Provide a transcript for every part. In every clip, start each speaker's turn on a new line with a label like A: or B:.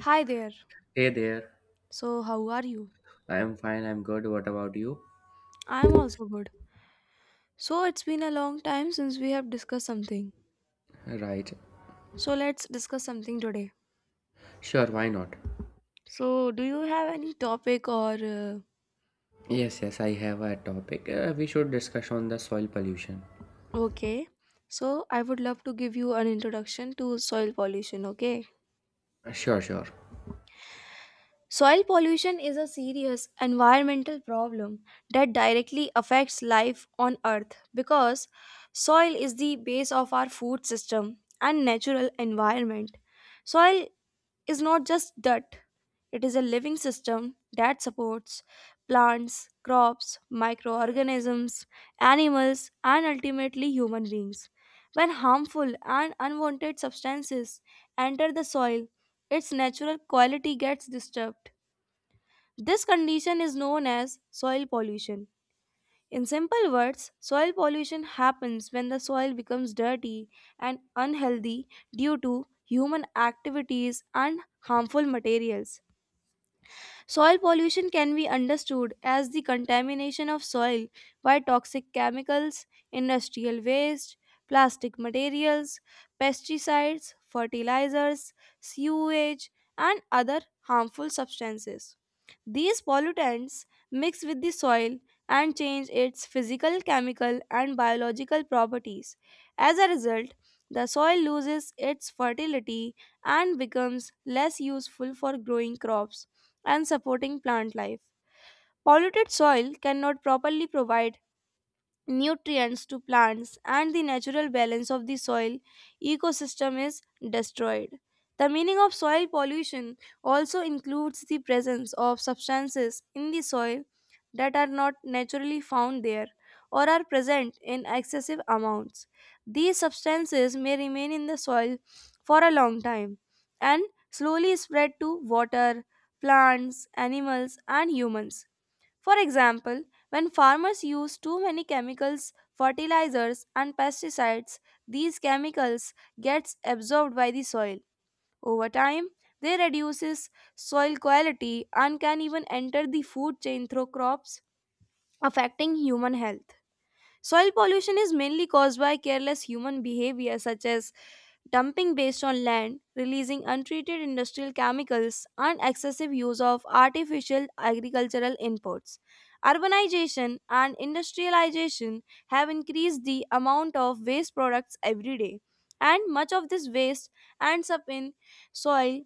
A: Hi there.
B: Hey there.
A: So, how are you?
B: I am fine, I'm good. What about you?
A: I am also good. So, it's been a long time since we have discussed something.
B: Right.
A: So, let's discuss something today.
B: Sure, why not?
A: So, do you have any topic or
B: Yes, I have a topic. We should discuss on the soil pollution.
A: okay? So, I would love to give you an introduction to soil pollution, okay?
B: Sure.
A: Soil pollution is a serious environmental problem that directly affects life on earth because soil is the base of our food system and natural environment. Soil is not just dirt, it is a living system that supports plants, crops, microorganisms, animals, and ultimately human beings. When harmful and unwanted substances enter the soil, its natural quality gets disturbed. This condition is known as soil pollution. In simple words, soil pollution happens when the soil becomes dirty and unhealthy due to human activities and harmful materials. Soil pollution can be understood as the contamination of soil by toxic chemicals, industrial waste, plastic materials, pesticides, fertilizers, sewage, and other harmful substances. These pollutants mix with the soil and change its physical, chemical, and biological properties. As a result, the soil loses its fertility and becomes less useful for growing crops and supporting plant life. Polluted soil cannot properly provide nutrients to plants, and the natural balance of the soil ecosystem is destroyed. The meaning of soil pollution also includes the presence of substances in the soil that are not naturally found there or are present in excessive amounts. These substances may remain in the soil for a long time and slowly spread to water, plants, animals, and humans. For example, when farmers use too many chemicals, fertilizers, and pesticides, these chemicals gets absorbed by the soil. Over time, they reduces soil quality and can even enter the food chain through crops, affecting human health. Soil pollution is mainly caused by careless human behavior, such as dumping based on land, releasing untreated industrial chemicals, and excessive use of artificial agricultural inputs. Urbanization and industrialization have increased the amount of waste products every day, and much of this waste ends up in soil.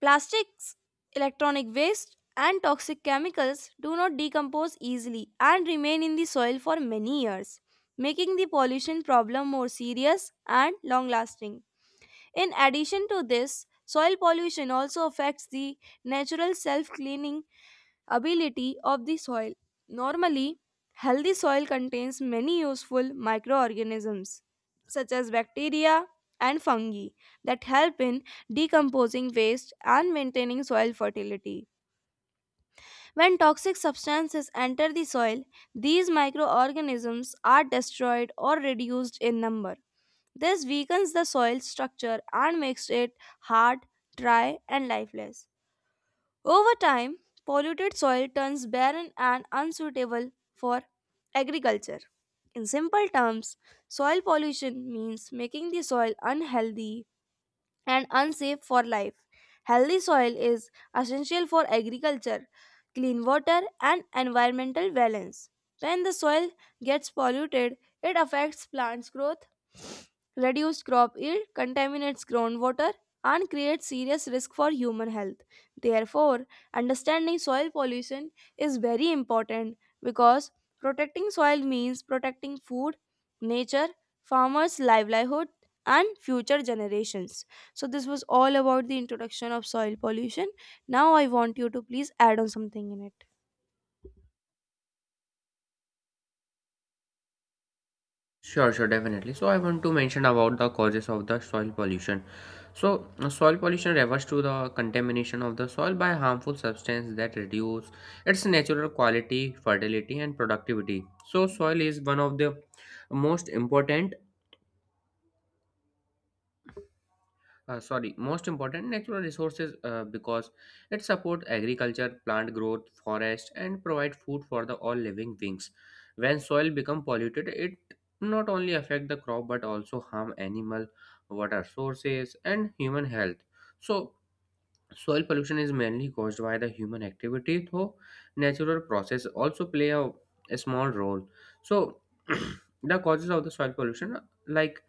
A: Plastics, electronic waste, and toxic chemicals do not decompose easily and remain in the soil for many years, making the pollution problem more serious and long lasting. In addition to this, soil pollution also affects the natural self cleaning ability of the soil. Normally, healthy soil contains many useful microorganisms such as bacteria and fungi that help in decomposing waste and maintaining soil fertility. When toxic substances enter the soil, these microorganisms are destroyed or reduced in number. This weakens the soil structure and makes it hard, dry, and lifeless. Over time, polluted soil turns barren and unsuitable for agriculture. In simple terms, soil pollution means making the soil unhealthy and unsafe for life. Healthy soil is essential for agriculture, clean water, and environmental balance. When the soil gets polluted, it affects plants' growth, reduced crop yield, contaminates groundwater, and creates serious risk for human health. Therefore, understanding soil pollution is very important because protecting soil means protecting food, nature, farmers' livelihood, and future generations. So, this was all about the introduction of soil pollution. Now, I want you to please add on something in it.
B: Sure, Definitely. So I want to mention about the causes of the soil pollution. So soil pollution refers to the contamination of the soil by harmful substance that reduce its natural quality, fertility, and productivity. So soil is one of the most important sorry most important natural resources because it supports agriculture, plant growth, forest, and provide food for the all living things. When soil become polluted, it not only affect the crop but also harm animal, water sources, and human health. So soil pollution is mainly caused by the human activity, though natural process also play a small role. So the causes of the soil pollution, like,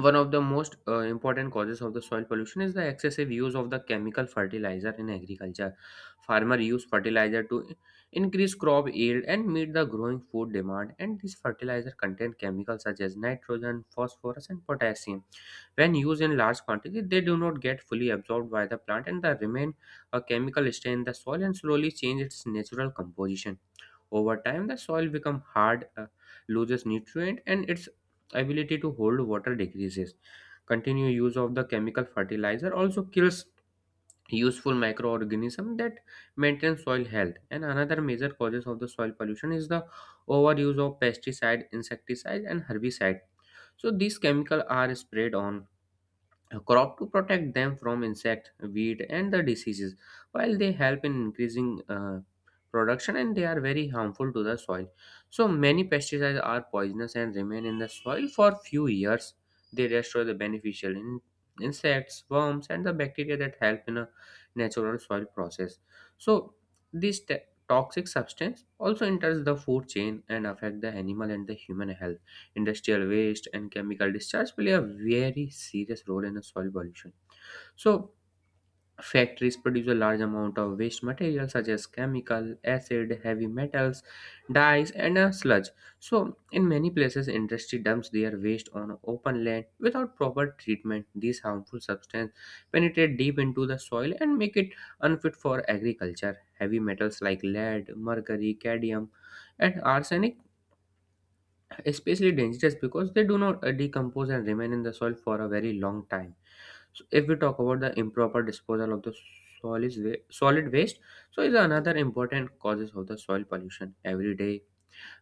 B: one of the most important causes of the soil pollution is the excessive use of the chemical fertilizer in agriculture. Farmer use fertilizer to increase crop yield and meet the growing food demand, and these fertilizer contain chemicals such as nitrogen, phosphorus, and potassium. When used in large quantity, they do not get fully absorbed by the plant, and they remain a chemical stain in the soil and slowly change its natural composition. Over time, the soil become hard, loses nutrient, and its ability to hold water decreases. Continued use of the chemical fertilizer also kills useful microorganisms that maintain soil health. And another major causes of the soil pollution is the overuse of pesticide, insecticide, and herbicide. So these chemicals are sprayed on a crop to protect them from insect, weed, and the diseases. While they help in increasing production, and they are very harmful to the soil. So many pesticides are poisonous and remain in the soil for few years. They destroy the beneficial insects, worms, and the bacteria that help in a natural soil process. So this toxic substance also enters the food chain and affect the animal and the human health. Industrial waste and chemical discharge play a very serious role in the soil pollution. So, factories produce a large amount of waste materials such as chemical, acid, heavy metals, dyes, and sludge. So, in many places, industry dumps their waste on open land without proper treatment. These harmful substances penetrate deep into the soil and make it unfit for agriculture. Heavy metals like lead, mercury, cadmium, and arsenic especially dangerous because they do not decompose and remain in the soil for a very long time. So if we talk about the improper disposal of the solid waste, so is another important causes of the soil pollution. Every day,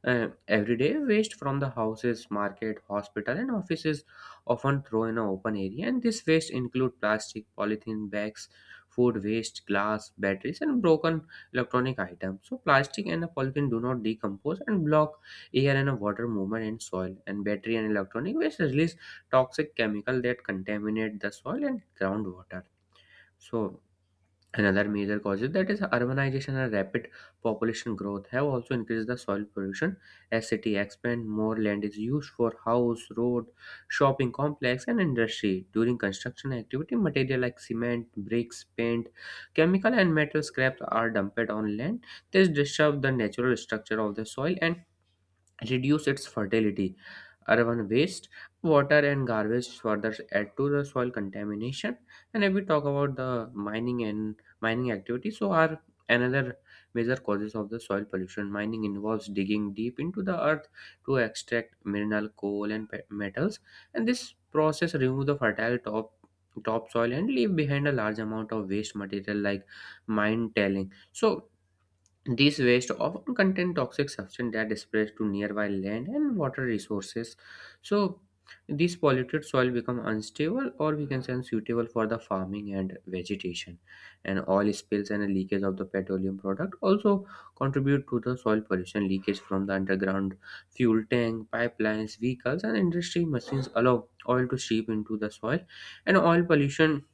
B: everyday waste from the houses, market, hospital, and offices often thrown in an open area, and this waste include plastic, polythene bags, food waste, glass, batteries, and broken electronic items. So, plastic and the polythene do not decompose and block air and water movement in soil. And battery and electronic waste release toxic chemical that contaminate the soil and groundwater. So, another major causes that is urbanization and rapid population growth have also increased the soil pollution. As city expand, more land is used for house, road, shopping complex, and industry. During construction activity, material like cement, bricks, paint, chemical, and metal scraps are dumped on land. This disturbs the natural structure of the soil and reduce its fertility. Urban waste, water, and garbage further add to the soil contamination. And if we talk about the mining and mining activity, so are another major causes of the soil pollution. Mining involves digging deep into the earth to extract mineral, coal, and metals, and this process remove the fertile topsoil and leave behind a large amount of waste material like mine tailing. So these waste often contain toxic substances that spread to nearby land and water resources. So these polluted soil become unstable, or we can say unsuitable for the farming and vegetation. And oil spills and leakage of the petroleum product also contribute to the soil pollution. Leakage from the underground fuel tank, pipelines, vehicles, and industry machines allow oil to seep into the soil, and oil pollution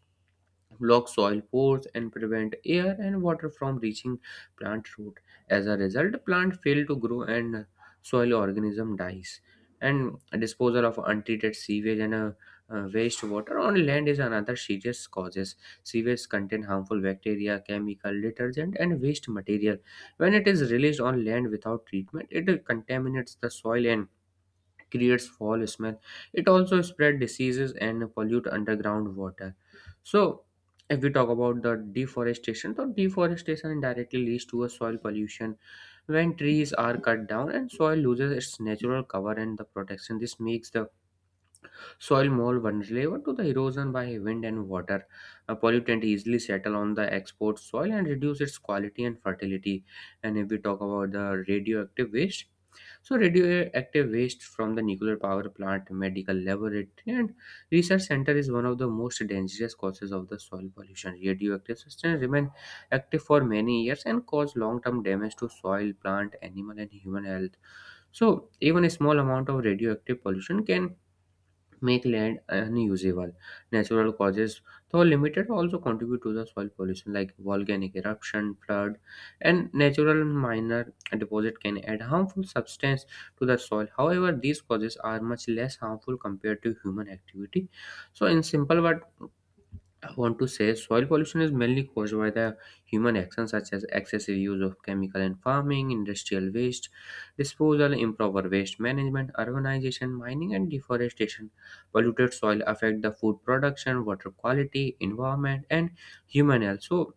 B: block soil pores and prevent air and water from reaching plant root. As a result, plant fail to grow and soil organism dies. And disposal of untreated sewage and wastewater on land is another serious causes. Sewage contain harmful bacteria, chemical, detergent, and waste material. When it is released on land without treatment, it contaminates the soil and creates foul smell. It also spread diseases and pollute underground water. So if we talk about the deforestation, so deforestation indirectly leads to a soil pollution. When trees are cut down, and soil loses its natural cover and the protection. This makes the soil more vulnerable to the erosion by wind and water. A pollutant easily settle on the export soil and reduce its quality and fertility. And if we talk about the radioactive waste, so, radioactive waste from the nuclear power plant, medical laboratory, and research center is one of the most dangerous causes of the soil pollution. Radioactive substances remain active for many years and cause long-term damage to soil, plant, animal, and human health. So, even a small amount of radioactive pollution can make land unusable. Natural causes, though limited, also contribute to the soil pollution, like volcanic eruption, flood, and natural minor deposit can add harmful substance to the soil. However, these causes are much less harmful compared to human activity. So, in simple word, I want to say soil pollution is mainly caused by the human actions such as excessive use of chemical and farming, industrial waste disposal, improper waste management, urbanization, mining, and deforestation. Polluted soil affect the food production, water quality, environment, and human health. So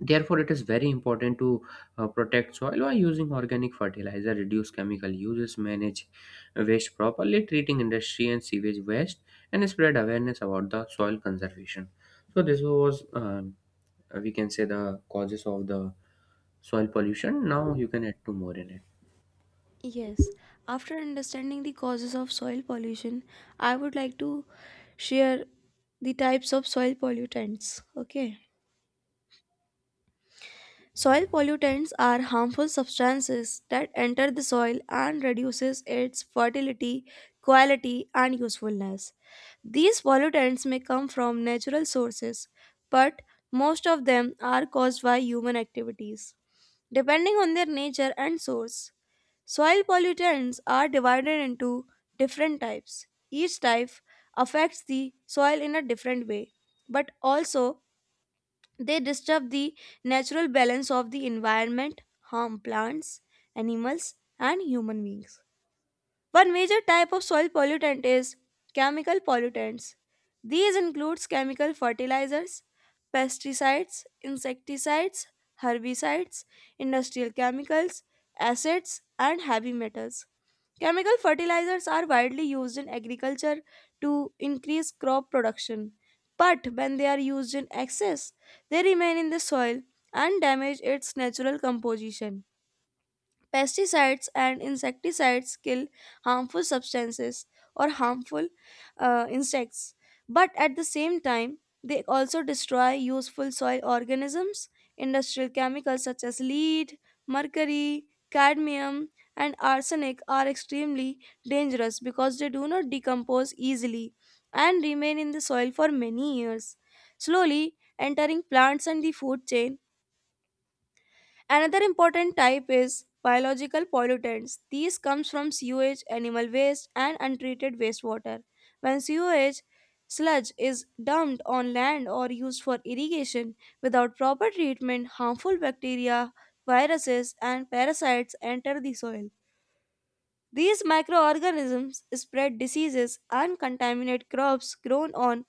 B: therefore, it is very important to protect soil by using organic fertilizer, reduce chemical uses, manage waste properly, treating industry and sewage waste, and spread awareness about the soil conservation. So, this was we can say the causes of the soil pollution. Now, you can add to more in it.
A: Yes, after understanding the causes of soil pollution, I would like to share the types of soil pollutants. Okay. Soil pollutants are harmful substances that enter the soil and reduces its fertility, quality and usefulness. These pollutants may come from natural sources, but most of them are caused by human activities depending on their nature and source. Soil pollutants are divided into different types. Each type affects the soil in a different way, but also they disturb the natural balance of the environment, harm plants, animals, and human beings. One major type of soil pollutant is chemical pollutants. These includes chemical fertilizers, pesticides, insecticides, herbicides, industrial chemicals, acids, and heavy metals. Chemical fertilizers are widely used in agriculture to increase crop production, but when they are used in excess, they remain in the soil and damage its natural composition. Pesticides and insecticides kill harmful substances or harmful insects, but at the same time, they also destroy useful soil organisms. Industrial chemicals such as lead, mercury, cadmium, and arsenic are extremely dangerous because they do not decompose easily and remain in the soil for many years, slowly entering plants and the food chain. Another important type is biological pollutants. These comes from sewage, animal waste and untreated wastewater. When sewage sludge is dumped on land or used for irrigation without proper treatment, harmful bacteria, viruses and parasites enter the soil. These microorganisms spread diseases and contaminate crops grown on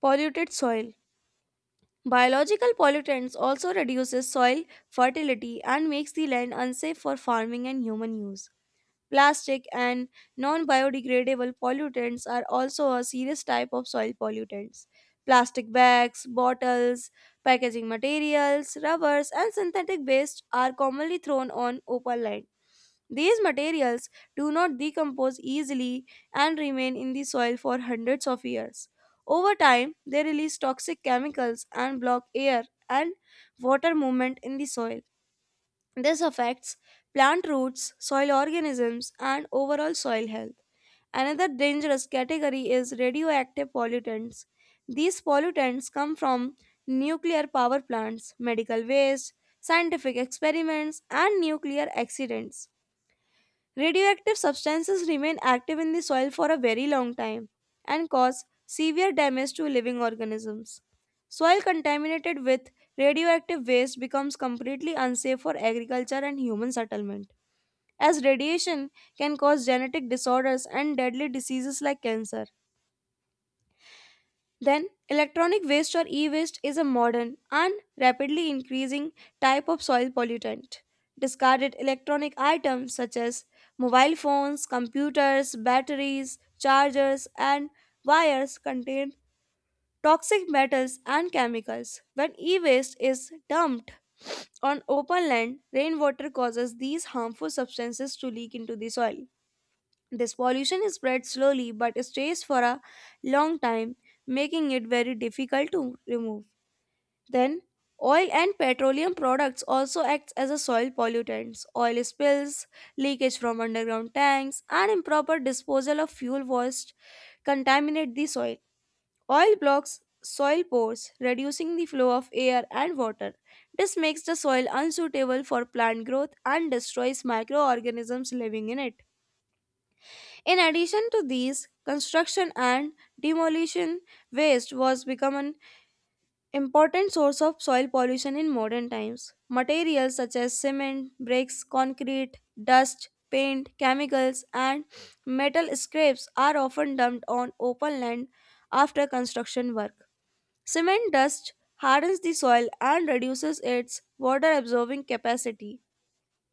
A: polluted soil. Biological pollutants also reduces soil fertility and makes the land unsafe for farming and human use. Plastic and non biodegradable pollutants are also a serious type of soil pollutants. Plastic bags, bottles, packaging materials, rubbers, and synthetic waste are commonly thrown on open land. These materials do not decompose easily and remain in the soil for hundreds of years. Over time, they release toxic chemicals and block air and water movement in the soil. This affects plant roots, soil organisms, and overall soil health. Another dangerous category is radioactive pollutants. These pollutants come from nuclear power plants, medical waste, scientific experiments, and nuclear accidents. Radioactive substances remain active in the soil for a very long time and cause severe damage to living organisms. Soil contaminated with radioactive waste becomes completely unsafe for agriculture and human settlement, as radiation can cause genetic disorders and deadly diseases like cancer. Then, electronic waste or e waste is a modern and rapidly increasing type of soil pollutant. Discarded electronic items such as mobile phones, computers, batteries, chargers, and wires contain toxic metals and chemicals. When e waste is dumped on open land, rainwater causes these harmful substances to leak into the soil. This pollution is spread slowly but stays for a long time, making it very difficult to remove. Then, oil and petroleum products also acts as a soil pollutants. Oil spills, leakage from underground tanks, and improper disposal of fuel waste contaminate the soil. Oil blocks soil pores, reducing the flow of air and water. This makes the soil unsuitable for plant growth and destroys microorganisms living in it. In addition to these, construction and demolition waste was become an important source of soil pollution in modern times. Materials such as cement, bricks, concrete, dust, paint, chemicals, and metal scraps are often dumped on open land after construction work. Cement dust hardens the soil and reduces its water absorbing capacity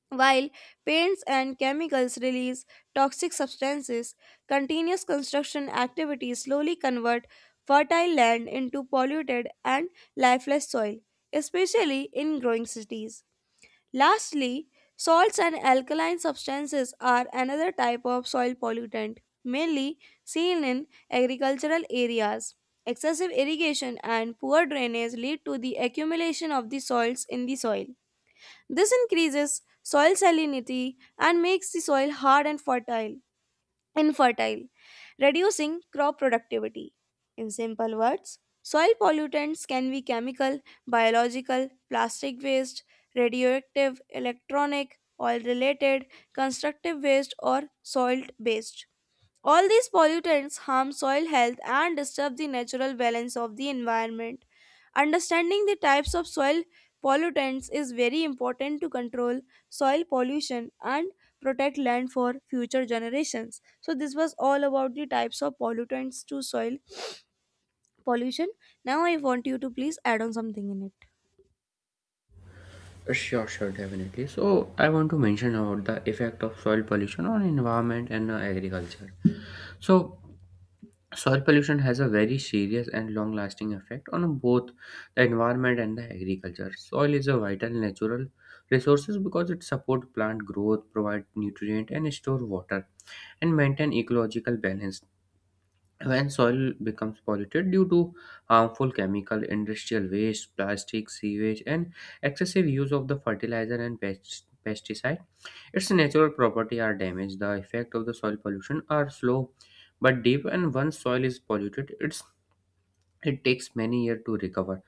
A: while paints and chemicals release toxic substances. Continuous construction activities slowly convert fertile land into polluted and lifeless soil, especially in growing cities. Lastly, salts and alkaline substances are another type of soil pollutant, mainly seen in agricultural areas. Excessive irrigation and poor drainage lead to the accumulation of the salts in the soil. This increases soil salinity and makes the soil hard and fertile, infertile, reducing crop productivity. In simple words, soil pollutants can be chemical, biological, plastic waste, radioactive, electronic, oil related, constructive waste, or salt based. All these pollutants harm soil health and disturb the natural balance of the environment. Understanding the types of soil pollutants is very important to control soil pollution and protect land for future generations. So, this was all about the types of pollutants to soil pollution. Now, I want you to please add on something in it.
B: Sure, Definitely. So, I want to mention about the effect of soil pollution on environment and agriculture. So, soil pollution has a very serious and long-lasting effect on both the environment and the agriculture. Soil is a vital natural resource because it supports plant growth, provide nutrient, and store water, and maintain ecological balance. When soil becomes polluted due to harmful chemical, industrial waste, plastic, sewage, and excessive use of the fertilizer and pesticide, its natural property are damaged. The effect of the soil pollution are slow but deep, and once soil is polluted, it takes many years to recover.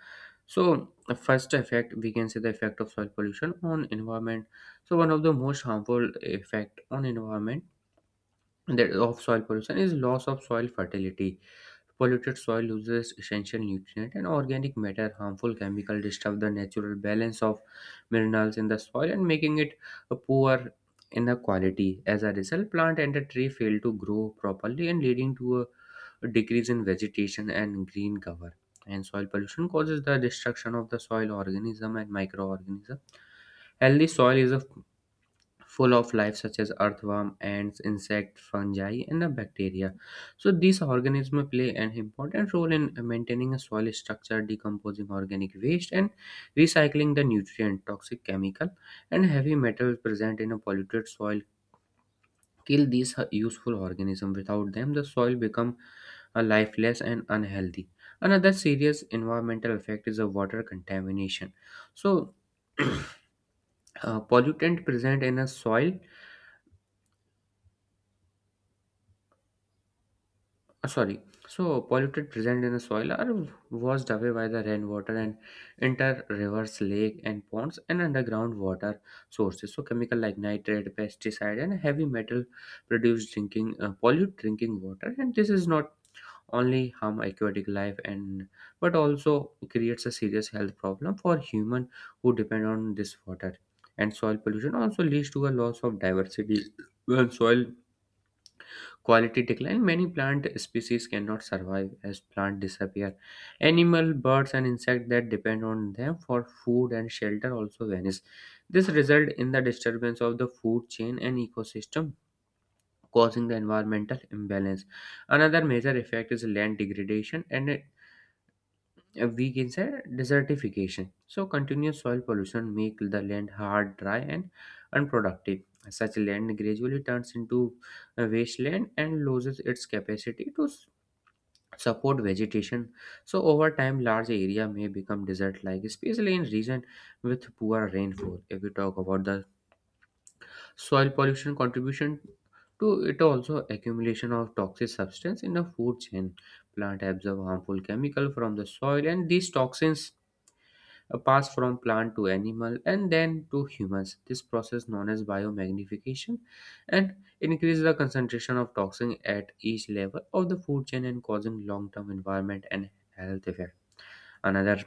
B: So, the first effect we can say the effect of soil pollution on environment. So, one of the most harmful effect on environment that of soil pollution is loss of soil fertility. Polluted soil loses essential nutrients and organic matter. Harmful chemical disturb the natural balance of minerals in the soil and making it a poor in the quality. As a result, plant and the tree fail to grow properly and leading to a decrease in vegetation and green cover. And soil pollution causes the destruction of the soil organism and microorganism. Healthy soil is a full of life such as earthworm, ants, insect, fungi, and the bacteria. So these organisms play an important role in maintaining a soil structure, decomposing organic waste, and recycling the nutrient, toxic chemical, and heavy metals present in a polluted soil. Kill these useful organisms. Without them, the soil become lifeless and unhealthy. Another serious environmental effect is the water contamination. So, pollutant present in a soil Sorry. So, polluted present in the soil are washed away by the rainwater and enter rivers, lake, and ponds and underground water sources. So, chemical like nitrate, pesticide, and heavy metal produce drinking pollute drinking water. And this is not only harm aquatic life and but also creates a serious health problem for human who depend on this water. And soil pollution also leads to a loss of diversity when soil quality decline, many plant species cannot survive as plants disappear. Animal, birds, and insects that depend on them for food and shelter also vanish. This results in the disturbance of the food chain and ecosystem, causing the environmental imbalance. Another major effect is land degradation and a weak in desertification. So continuous soil pollution make the land hard, dry, and unproductive. Such land gradually turns into a wasteland and loses its capacity to support vegetation. So over time, large area may become desert-like, especially in region with poor rainfall. If we talk about the soil pollution contribution to it, also accumulation of toxic substance in the food chain, plant absorb harmful chemical from the soil and these toxins pass from plant to animal and then to humans. This process known as biomagnification and increase the concentration of toxin at each level of the food chain and causing long-term environment and health effect. Another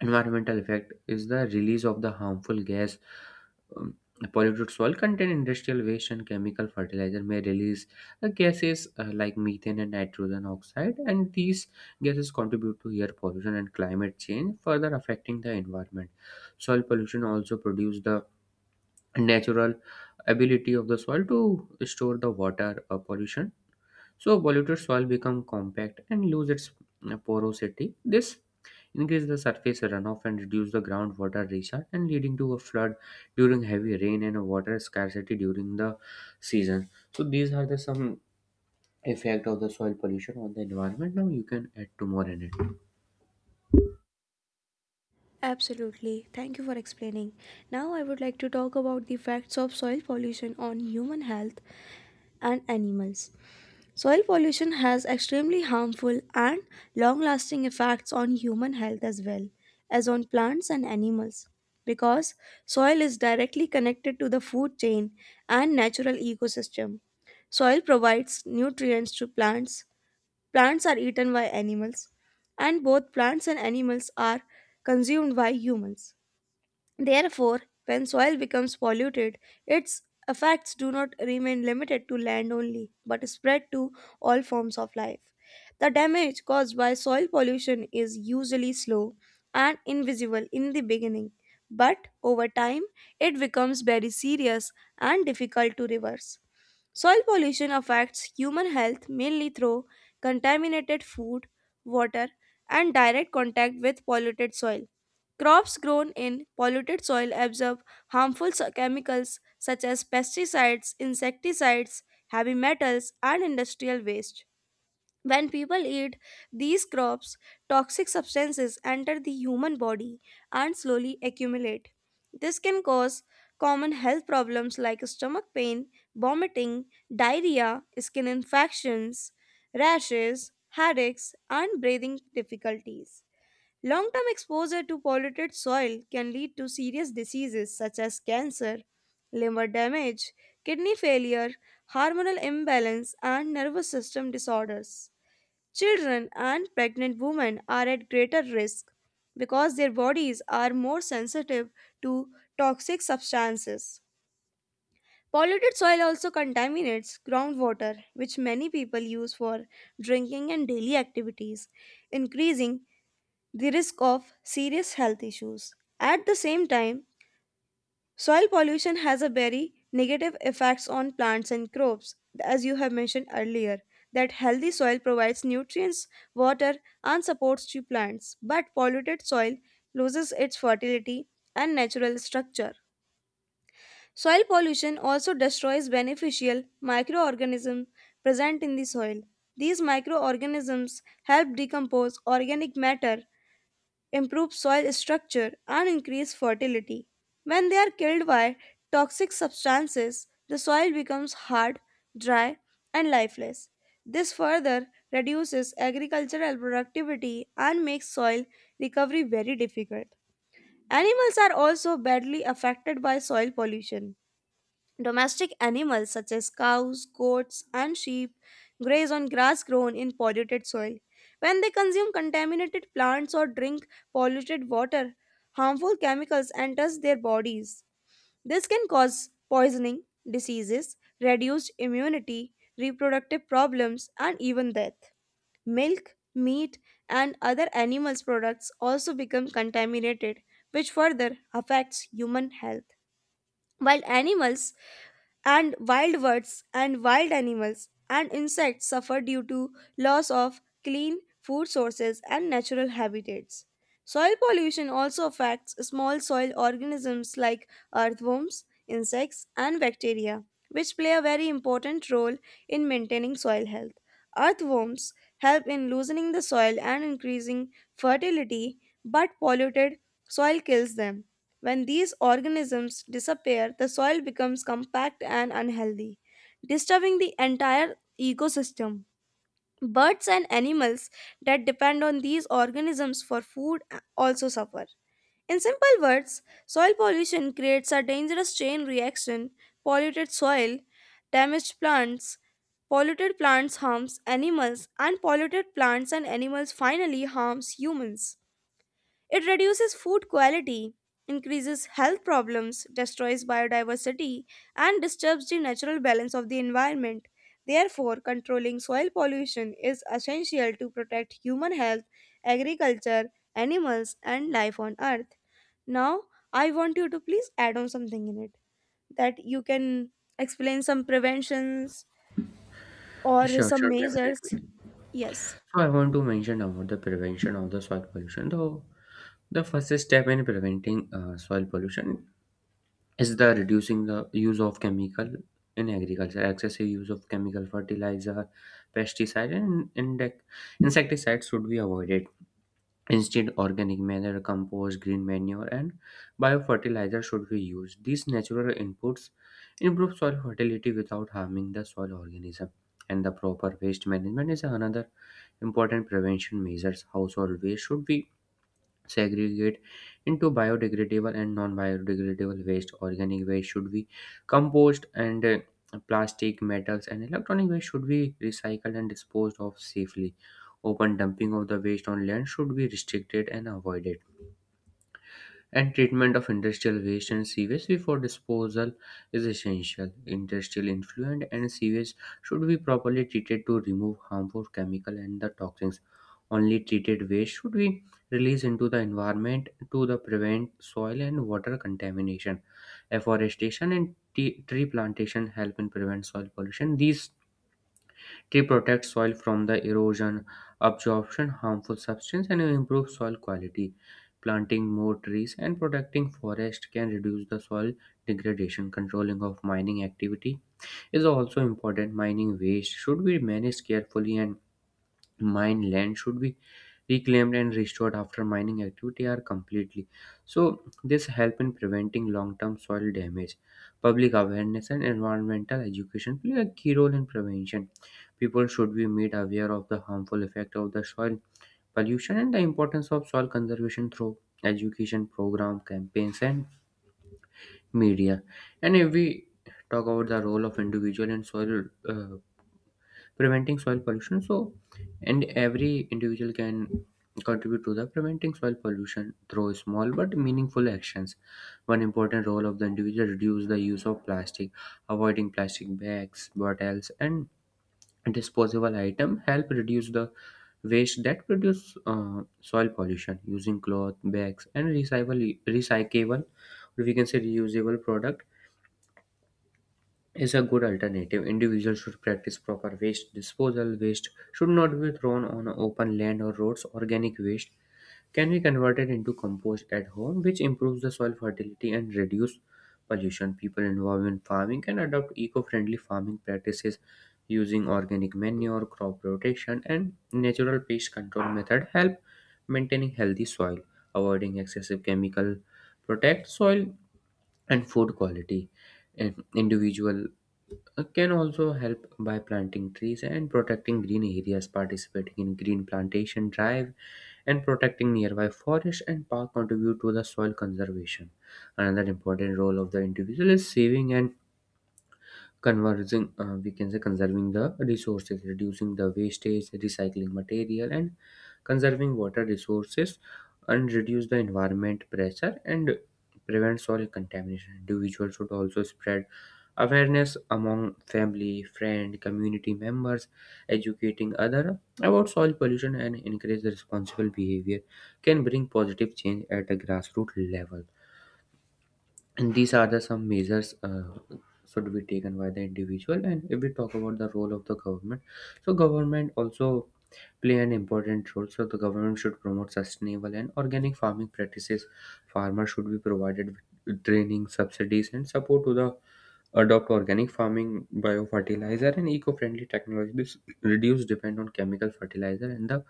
B: environmental effect is the release of the harmful gas. um, Polluted soil contain industrial waste and chemical fertilizer may release gases like methane and nitrogen oxide, and these gases contribute to air pollution and climate change, further affecting the environment. Soil pollution also produce the natural ability of the soil to store the water, pollution. So polluted soil become compact and lose its porosity. This increase the surface runoff and reduce the groundwater recharge and leading to a flood during heavy rain and a water scarcity during the season. So these are the some effect of the soil pollution on the environment. Now you can add to more in it.
A: Absolutely. Thank you for explaining. Now I would like to talk about the facts of soil pollution on human health and animals. Soil pollution has extremely harmful and long lasting effects on human health as well as on plants and animals because soil is directly connected to the food chain and natural ecosystem. Soil provides nutrients to plants, plants are eaten by animals, and both plants and animals are consumed by humans. Therefore, when soil becomes polluted, its effects do not remain limited to land only, but spread to all forms of life. The damage caused by soil pollution is usually slow and invisible in the beginning, but over time it becomes very serious and difficult to reverse. Soil pollution affects human health mainly through contaminated food, water, and direct contact with polluted soil. Crops grown in polluted soil absorb harmful chemicals such as pesticides, insecticides, heavy metals, and industrial waste. When people eat these crops, toxic substances enter the human body and slowly accumulate. This can cause common health problems like stomach pain, vomiting, diarrhea, skin infections, rashes, headaches, and breathing difficulties. Long term exposure to polluted soil can lead to serious diseases such as cancer, liver damage, kidney failure, hormonal imbalance, and nervous system disorders. Children and pregnant women are at greater risk because their bodies are more sensitive to toxic substances. Polluted soil also contaminates groundwater, which many people use for drinking and daily activities, increasing the risk of serious health issues. At the same time, soil pollution has a very negative effects on plants and crops, as you have mentioned earlier. That healthy soil provides nutrients, water, and supports to plants, but polluted soil loses its fertility and natural structure. Soil pollution also destroys beneficial microorganisms present in the soil. These microorganisms help decompose organic matter, improve soil structure, and increase fertility. When they are killed by toxic substances, the soil becomes hard, dry, and lifeless. This further reduces agricultural productivity and makes soil recovery very difficult. Animals are also badly affected by soil pollution. Domestic animals such as cows, goats, and sheep graze on grass grown in polluted soil. When they consume contaminated plants or drink polluted water, harmful chemicals enters their bodies. This can cause poisoning, diseases, reduced immunity, reproductive problems, and even death. Milk, meat, and other animals products also become contaminated, which further affects human health. While animals and wild birds and wild animals and insects suffer due to loss of clean food sources and natural habitats. Soil pollution also affects small soil organisms like earthworms, insects, and bacteria, which play a very important role in maintaining soil health. Earthworms help in loosening the soil and increasing fertility, but polluted soil kills them. When these organisms disappear, the soil becomes compact and unhealthy, disturbing the entire ecosystem. Birds and animals that depend on these organisms for food also suffer. In simple words, soil pollution creates a dangerous chain reaction. Polluted soil, damaged plants, polluted plants harms animals, and polluted plants and animals finally harms humans. It reduces food quality, increases health problems, destroys biodiversity, and disturbs the natural balance of the environment. Therefore, controlling soil pollution is essential to protect human health, agriculture, animals, and life on earth. Now, I want you to please add on something in it that you can explain some preventions or
B: Sure,
A: some
B: sure,
A: measures.
B: definitely.
A: Yes.
B: So I want to mention about the prevention of the soil pollution. Though the first step in preventing soil pollution is the reducing the use of chemical in agriculture. Excessive use of chemical fertilizer, pesticide and insecticides should be avoided. Instead, organic manure, compost, green manure and biofertilizer should be used. These natural inputs improve soil fertility without harming the soil organism. And the proper waste management is another important prevention measures. Household waste should be segregate into biodegradable and non-biodegradable waste. Organic waste should be compost, and plastic, metals and electronic waste should be recycled and disposed of safely. Open dumping of the waste on land should be restricted and avoided, and treatment of industrial waste and sewage before disposal is essential. Industrial effluent and sewage should be properly treated to remove harmful chemical and the toxins. Only treated waste should be released into the environment to the prevent soil and water contamination. Afforestation and tree plantation help in prevent soil pollution. These, they protect soil from the erosion, absorption, harmful substance, and improve soil quality. Planting more trees and protecting forest can reduce the soil degradation. Controlling of mining activity is also important. Mining waste should be managed carefully, and mine land should be reclaimed and restored after mining activity are completely. So this help in preventing long-term soil damage. Public awareness and environmental education play a key role in prevention. People should be made aware of the harmful effect of the soil pollution and the importance of soil conservation through education program, campaigns and media. And if we talk about the role of individual in soil, preventing soil pollution, so and every individual can contribute to the preventing soil pollution through small but meaningful actions. One important role of the individual, reduce the use of plastic. Avoiding plastic bags, bottles and disposable item help reduce the waste that produce soil pollution. Using cloth bags and recyclable or we can say reusable product is a good alternative. Individuals should practice proper waste disposal. Waste should not be thrown on open land or roads. Organic waste can be converted into compost at home, which improves the soil fertility and reduce pollution. People involved in farming can adopt eco-friendly farming practices. Using organic manure, crop rotation, and natural pest control method help maintaining healthy soil, avoiding excessive chemical, protect soil and food quality. And individual can also help by planting trees and protecting green areas, participating in green plantation drive, and protecting nearby forest and park contribute to the soil conservation. Another important role of the individual is saving and converging, we can say conserving the resources. Reducing the wastage, recycling material and conserving water resources and reduce the environment pressure and prevent soil contamination. Individuals should also spread awareness among family, friend, community members, educating other about soil pollution and encourage the responsible behavior can bring positive change at the grassroots level. And these are the some measures should be taken by the individual. And if we talk about the role of the government, so government also play an important role. So the government should promote sustainable and organic farming practices. Farmers should be provided with training, subsidies and support to the adopt organic farming, biofertilizer and eco-friendly technologies, reduce depend on chemical fertilizer and the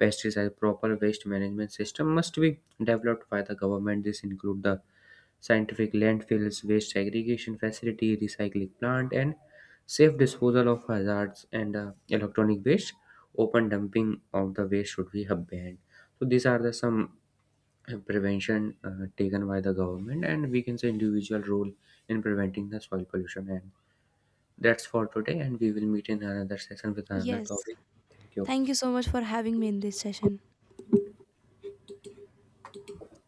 B: pesticide. Proper waste management system must be developed by the government. This include the scientific landfills, waste segregation facility, recycling plant, and safe disposal of hazards and electronic waste. Open dumping of the waste should be banned. So these are the some prevention taken by the government, and we can say individual role in preventing the soil pollution. And that's for today, and we will meet in another session with another
A: Yes.
B: topic. Thank you.
A: Thank you so much for having me in this session.